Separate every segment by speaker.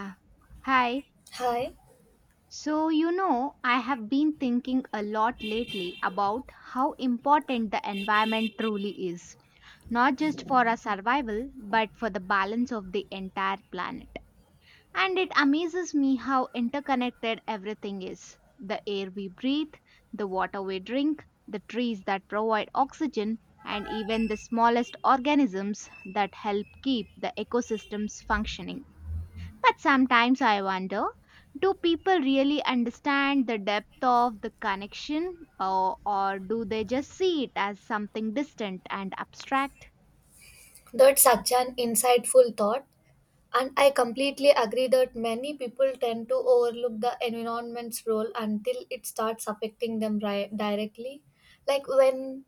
Speaker 1: Ah, hi.
Speaker 2: Hi,
Speaker 1: So, you know, I have been thinking a lot lately about how important the environment truly is, not just for our survival, but for the balance of the entire planet. And it amazes me how interconnected everything is: the air we breathe, the water we drink, the trees that provide oxygen, and even the smallest organisms that help keep the ecosystems functioning. But sometimes I wonder, do people really understand the depth of the connection or do they just see it as something distant and abstract?
Speaker 2: that's such an insightful thought, and I completely agree that many people tend to overlook the environment's role until it starts affecting them directly. Like when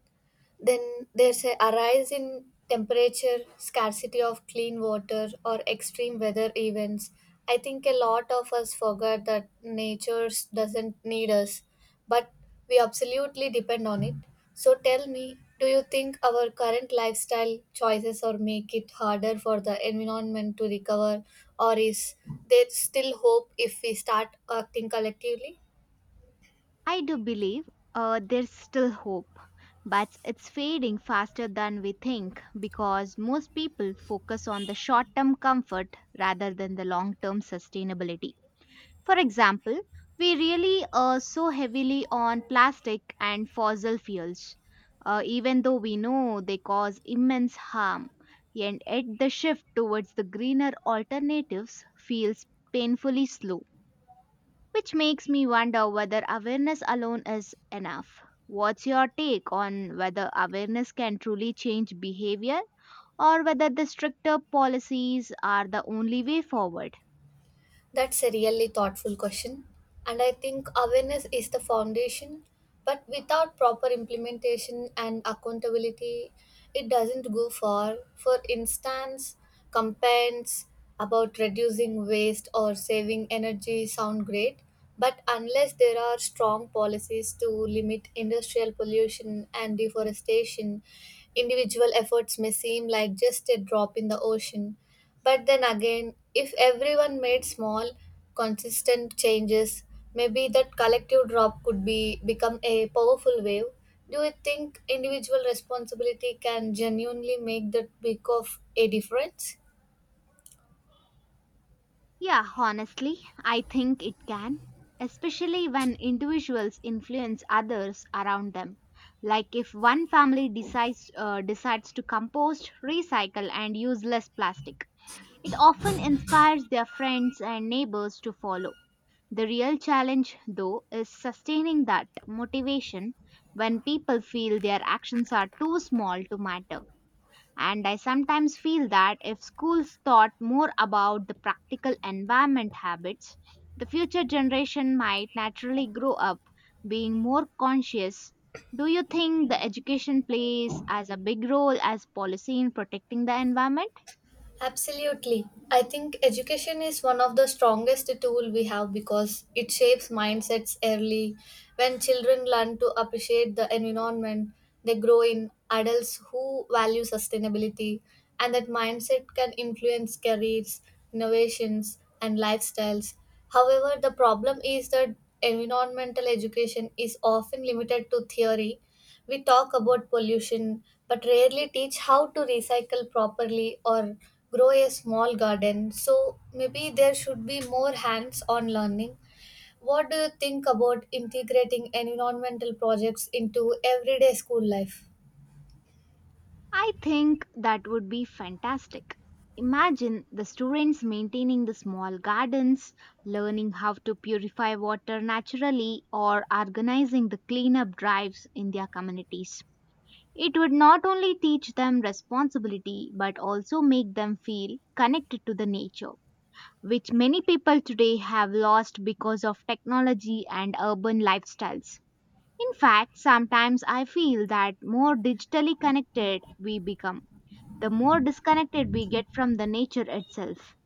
Speaker 2: Then there's a rise in temperature, scarcity of clean water, or extreme weather events. I think a lot of us forget that nature doesn't need us, but we absolutely depend on it. So tell me, do you think our current lifestyle choices or make it harder for the environment to recover, or is there still hope if we start acting collectively?
Speaker 1: I do believe there's still hope, but it's fading faster than we think because most people focus on the short term comfort rather than the long term sustainability. For example, we really so heavily on plastic and fossil fuels, even though we know they cause immense harm. And yet, the shift towards the greener alternatives feels painfully slow, which makes me wonder whether awareness alone is enough. What's your take on whether awareness can truly change behavior or whether the stricter policies are the only way forward?
Speaker 2: That's a really thoughtful question. And I think awareness is the foundation. But without proper implementation and accountability, it doesn't go far. For instance, campaigns about reducing waste or saving energy sound great, but unless there are strong policies to limit industrial pollution and deforestation, individual efforts may seem like just a drop in the ocean. But then again, if everyone made small, consistent changes, maybe that collective drop could be become a powerful wave. Do you think individual responsibility can genuinely make that big of a difference?
Speaker 1: Yeah, honestly, I think it can, especially when individuals influence others around them. Like if one family decides to compost, recycle and use less plastic. It often inspires their friends and neighbors to follow. The real challenge though is sustaining that motivation when people feel their actions are too small to matter. And I sometimes feel that if schools thought more about the practical environment habits, the future generation might naturally grow up being more conscious. Do you think the education plays as a big role as policy in protecting the environment?
Speaker 2: Absolutely. I think education is one of the strongest tool we have because it shapes mindsets early. When children learn to appreciate the environment, they grow in adults who value sustainability and that mindset can influence careers, innovations and lifestyles. However, the problem is that environmental education is often limited to theory. We talk about pollution, but rarely teach how to recycle properly or grow a small garden. So maybe there should be more hands on learning. What do you think about integrating environmental projects into everyday school life?
Speaker 1: I think that would be fantastic. Imagine the students maintaining the small gardens, learning how to purify water naturally, or organizing the cleanup drives in their communities. It would not only teach them responsibility but also make them feel connected to the nature, which many people today have lost because of technology and urban lifestyles. In fact, sometimes I feel that more digitally connected we become, the more disconnected we get from the nature itself,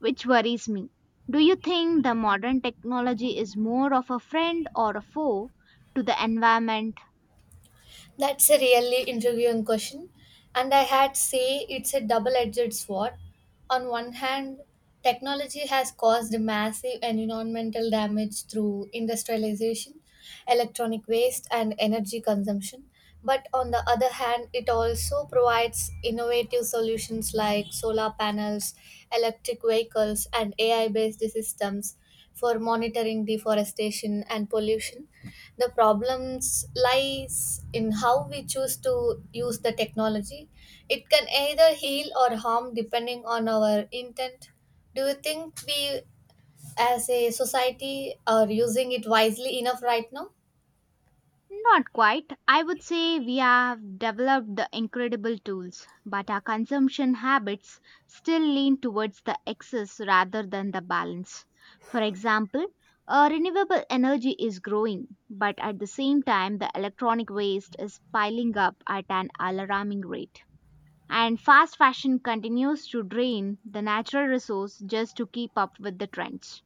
Speaker 1: which worries me. Do you think the modern technology is more of a friend or a foe to the environment?
Speaker 2: That's a really interviewing question, and I had say it's a double-edged sword. On one hand, technology has caused massive environmental damage through industrialization, electronic waste, and energy consumption. But on the other hand, it also provides innovative solutions like solar panels, electric vehicles, and AI-based systems for monitoring deforestation and pollution the problems lies in how we choose to use the technology. It can either heal or harm depending on our intent. Do you think we as a society are using it wisely enough right now?
Speaker 1: Not quite. I would say we have developed the incredible tools, but our consumption habits still lean towards the excess rather than the balance. For example, renewable energy is growing, but at the same time, the electronic waste is piling up at an alarming rate. And fast fashion continues to drain the natural resource just to keep up with the trends.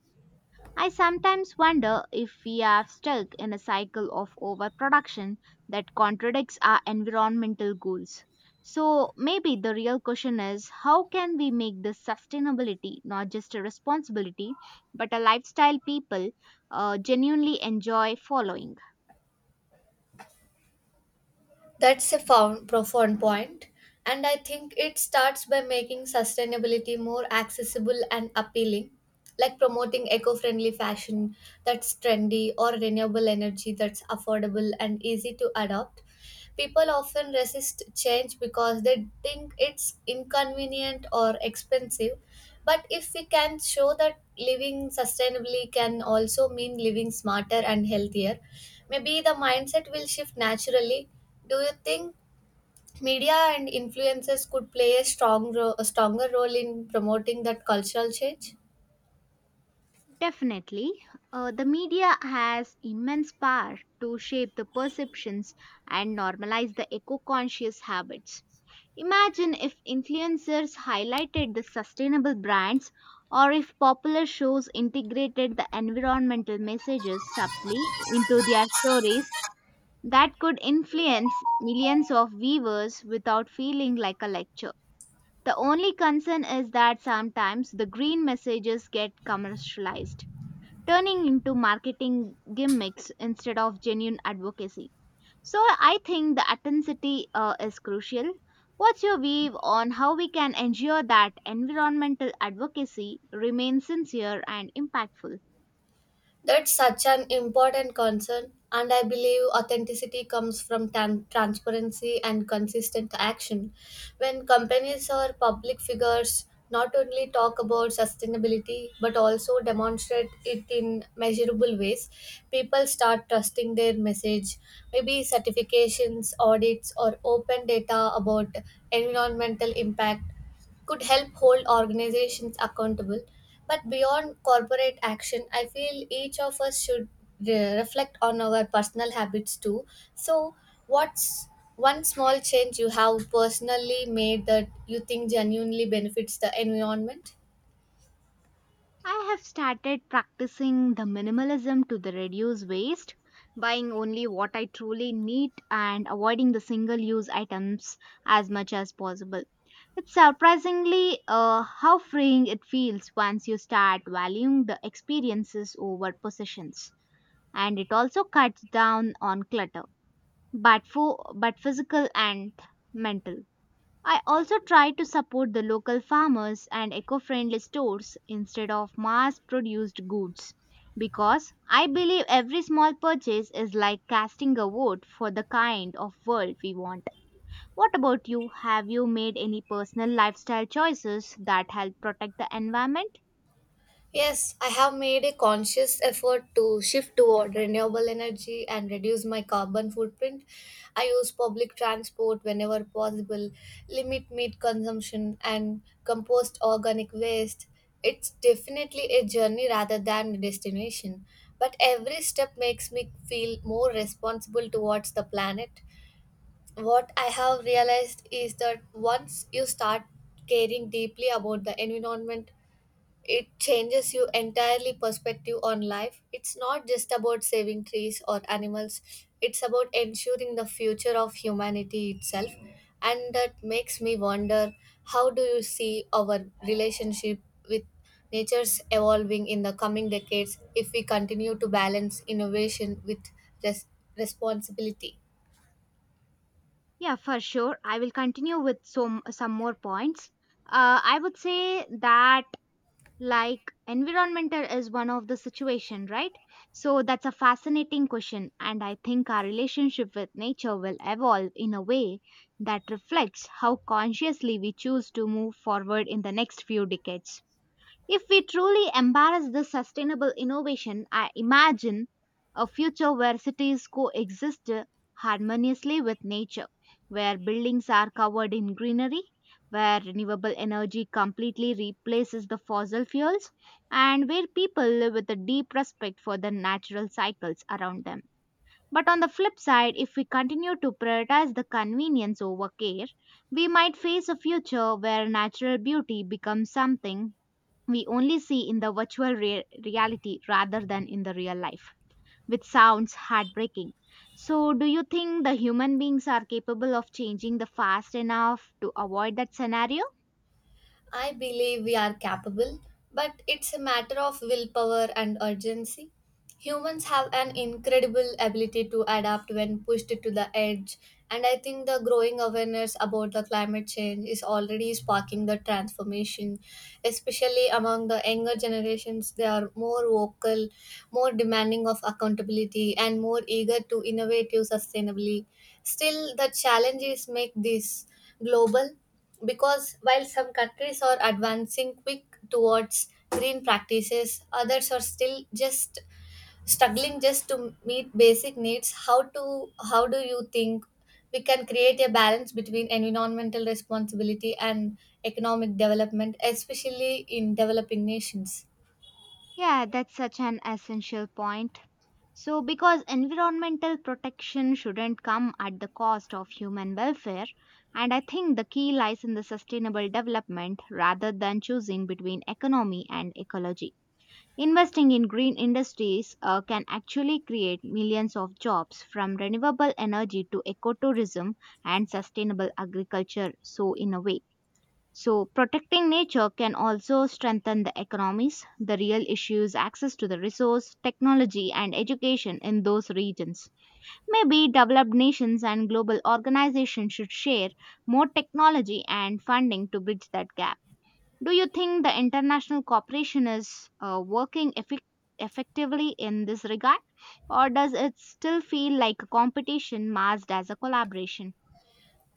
Speaker 1: I sometimes wonder if we are stuck in a cycle of overproduction that contradicts our environmental goals. So maybe the real question is, how can we make this sustainability not just a responsibility but a lifestyle people genuinely enjoy following?
Speaker 2: That's a profound point, and I think it starts by making sustainability more accessible and appealing, like promoting eco friendly fashion that's trendy or renewable energy that's affordable and easy to adopt. People often resist change because they think it's inconvenient or expensive. But if we can show that living sustainably can also mean living smarter and healthier, maybe the mindset will shift naturally. Do you think media and influencers could play a stronger role in promoting that cultural change?
Speaker 1: Definitely, the media has immense power to shape the perceptions and normalize the eco conscious habits. Imagine if influencers highlighted the sustainable brands or if popular shows integrated the environmental messages subtly into their stories that could influence millions of viewers without feeling like a lecture. The only concern is that sometimes the green messages get commercialized, turning into marketing gimmicks instead of genuine advocacy. So I think the authenticity is crucial. What's your view on how we can ensure that environmental advocacy remains sincere and impactful?
Speaker 2: That's such an important concern, and I believe authenticity comes from transparency and consistent action. When companies or public figures not only talk about sustainability but also demonstrate it in measurable ways, people start trusting their message. Maybe certifications, audits, or open data about environmental impact could help hold organizations accountable. But beyond corporate action, I feel each of us should reflect on our personal habits too. So, what's one small change you have personally made that you think genuinely benefits the environment?
Speaker 1: I have started practicing the minimalism to the reduce waste, buying only what I truly need and avoiding the single use items as much as possible. It's surprisingly how freeing it feels once you start valuing the experiences over possessions. And it also cuts down on clutter, but physical and mental. I also try to support the local farmers and eco-friendly stores instead of mass-produced goods, because I believe every small purchase is like casting a vote for the kind of world we want. What about you, have you made any personal lifestyle choices that help protect the environment?
Speaker 2: Yes, I have made a conscious effort to shift toward renewable energy and reduce my carbon footprint. I use public transport whenever possible, limit meat consumption, and compost organic waste. It's definitely a journey rather than a destination, but every step makes me feel more responsible towards the planet. What I have realized is that once you start caring deeply about the environment, it changes you entirely perspective on life. It's not just about saving trees or animals. It's about ensuring the future of humanity itself, and that makes me wonder, how do you see our relationship with nature's evolving in the coming decades if we continue to balance innovation with res- responsibility?
Speaker 1: Yeah, for sure. I will continue with some more points. I would say that like environmental is one of the situation, right? So that's a fascinating question, and I think our relationship with nature will evolve in a way that reflects how consciously we choose to move forward in the next few decades. If we truly embrace this sustainable innovation, I imagine a future where cities coexist harmoniously with nature, where buildings are covered in greenery, where renewable energy completely replaces the fossil fuels, and where people live with a deep respect for the natural cycles around them. But on the flip side, if we continue to prioritize the convenience over care, we might face a future where natural beauty becomes something we only see in the reality rather than in the real life, which sounds heartbreaking. So, do you think the human beings are capable of changing the fast enough to avoid that scenario?
Speaker 2: I believe we are capable, but it's a matter of willpower and urgency. Humans have an incredible ability to adapt when pushed to the edge, and I think the growing awareness about the climate change is already sparking the transformation, especially among the younger generations. They are more vocal, more demanding of accountability, and more eager to innovate sustainably. Still, the challenges make this global, because while some countries are advancing quick towards green practices, others are still just struggling just to meet basic needs. How do you think we can create a balance between environmental responsibility and economic development, especially in developing nations?
Speaker 1: Yeah, that's such an essential point. So, because environmental protection shouldn't come at the cost of human welfare, and I think the key lies in the sustainable development rather than choosing between economy and ecology. Investing in green industries can actually create millions of jobs, from renewable energy to ecotourism and sustainable agriculture. So, in a way, so protecting nature can also strengthen the economies. The real issue is access to the resource, technology, and education in those regions. Maybe developed nations and global organizations should share more technology and funding to bridge that gap. Do you think the international cooperation is working effic effectively in this regard, or does it still feel like a competition masked as a collaboration?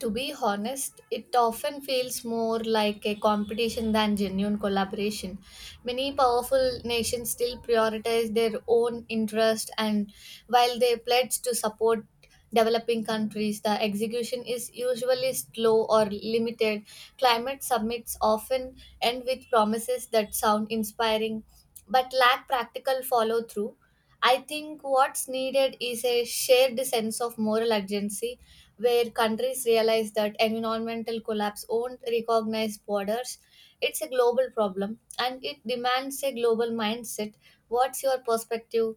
Speaker 2: To be honest, it often feels more like a competition than genuine collaboration. Many powerful nations still prioritize their own interest, and while they pledge to support developing countries, the execution is usually slow or limited. Climate summits often end with promises that sound inspiring but lack practical follow through. I think what's needed is a shared sense of moral urgency where countries realize that environmental collapse won't recognize borders. It's a global problem and it demands a global mindset. What's your perspective?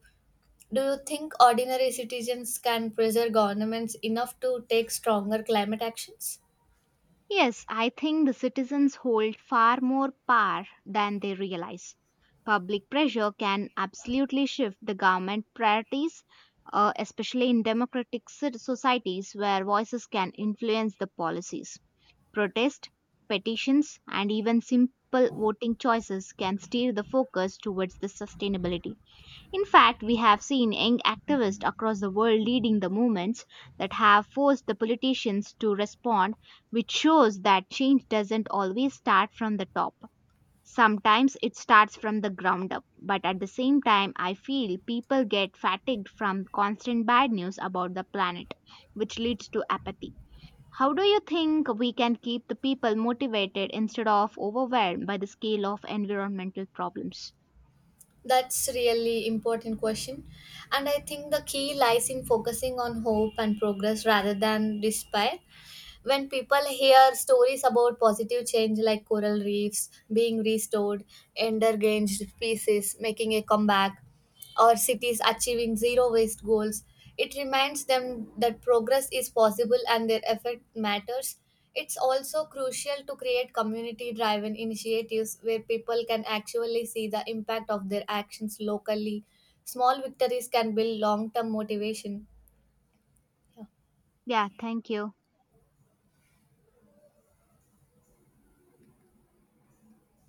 Speaker 2: Do you think ordinary citizens can pressure governments enough to take stronger climate actions?
Speaker 1: Yes, I think the citizens hold far more power than they realize. Public pressure can absolutely shift the government priorities, especially in democratic societies where voices can influence the policies. Protests, petitions, and even simple voting choices can steer the focus towards the sustainability. In fact, we have seen young activists across the world leading the movements that have forced the politicians to respond, which shows that change doesn't always start from the top. Sometimes it starts from the ground up, but at the same time, I feel people get fatigued from constant bad news about the planet, which leads to apathy. How do you think we can keep the people motivated instead of overwhelmed by the scale of environmental problems?
Speaker 2: That's really important question. And I think the key lies in focusing on hope and progress rather than despair. When people hear stories about positive change like coral reefs being restored, endangered species making a comeback, or cities achieving zero waste goals, it reminds them that progress is possible and their effort matters. It's also crucial to create community driven initiatives where people can actually see the impact of their actions locally. Small victories can build long term motivation. Yeah.
Speaker 1: Yeah, thank you.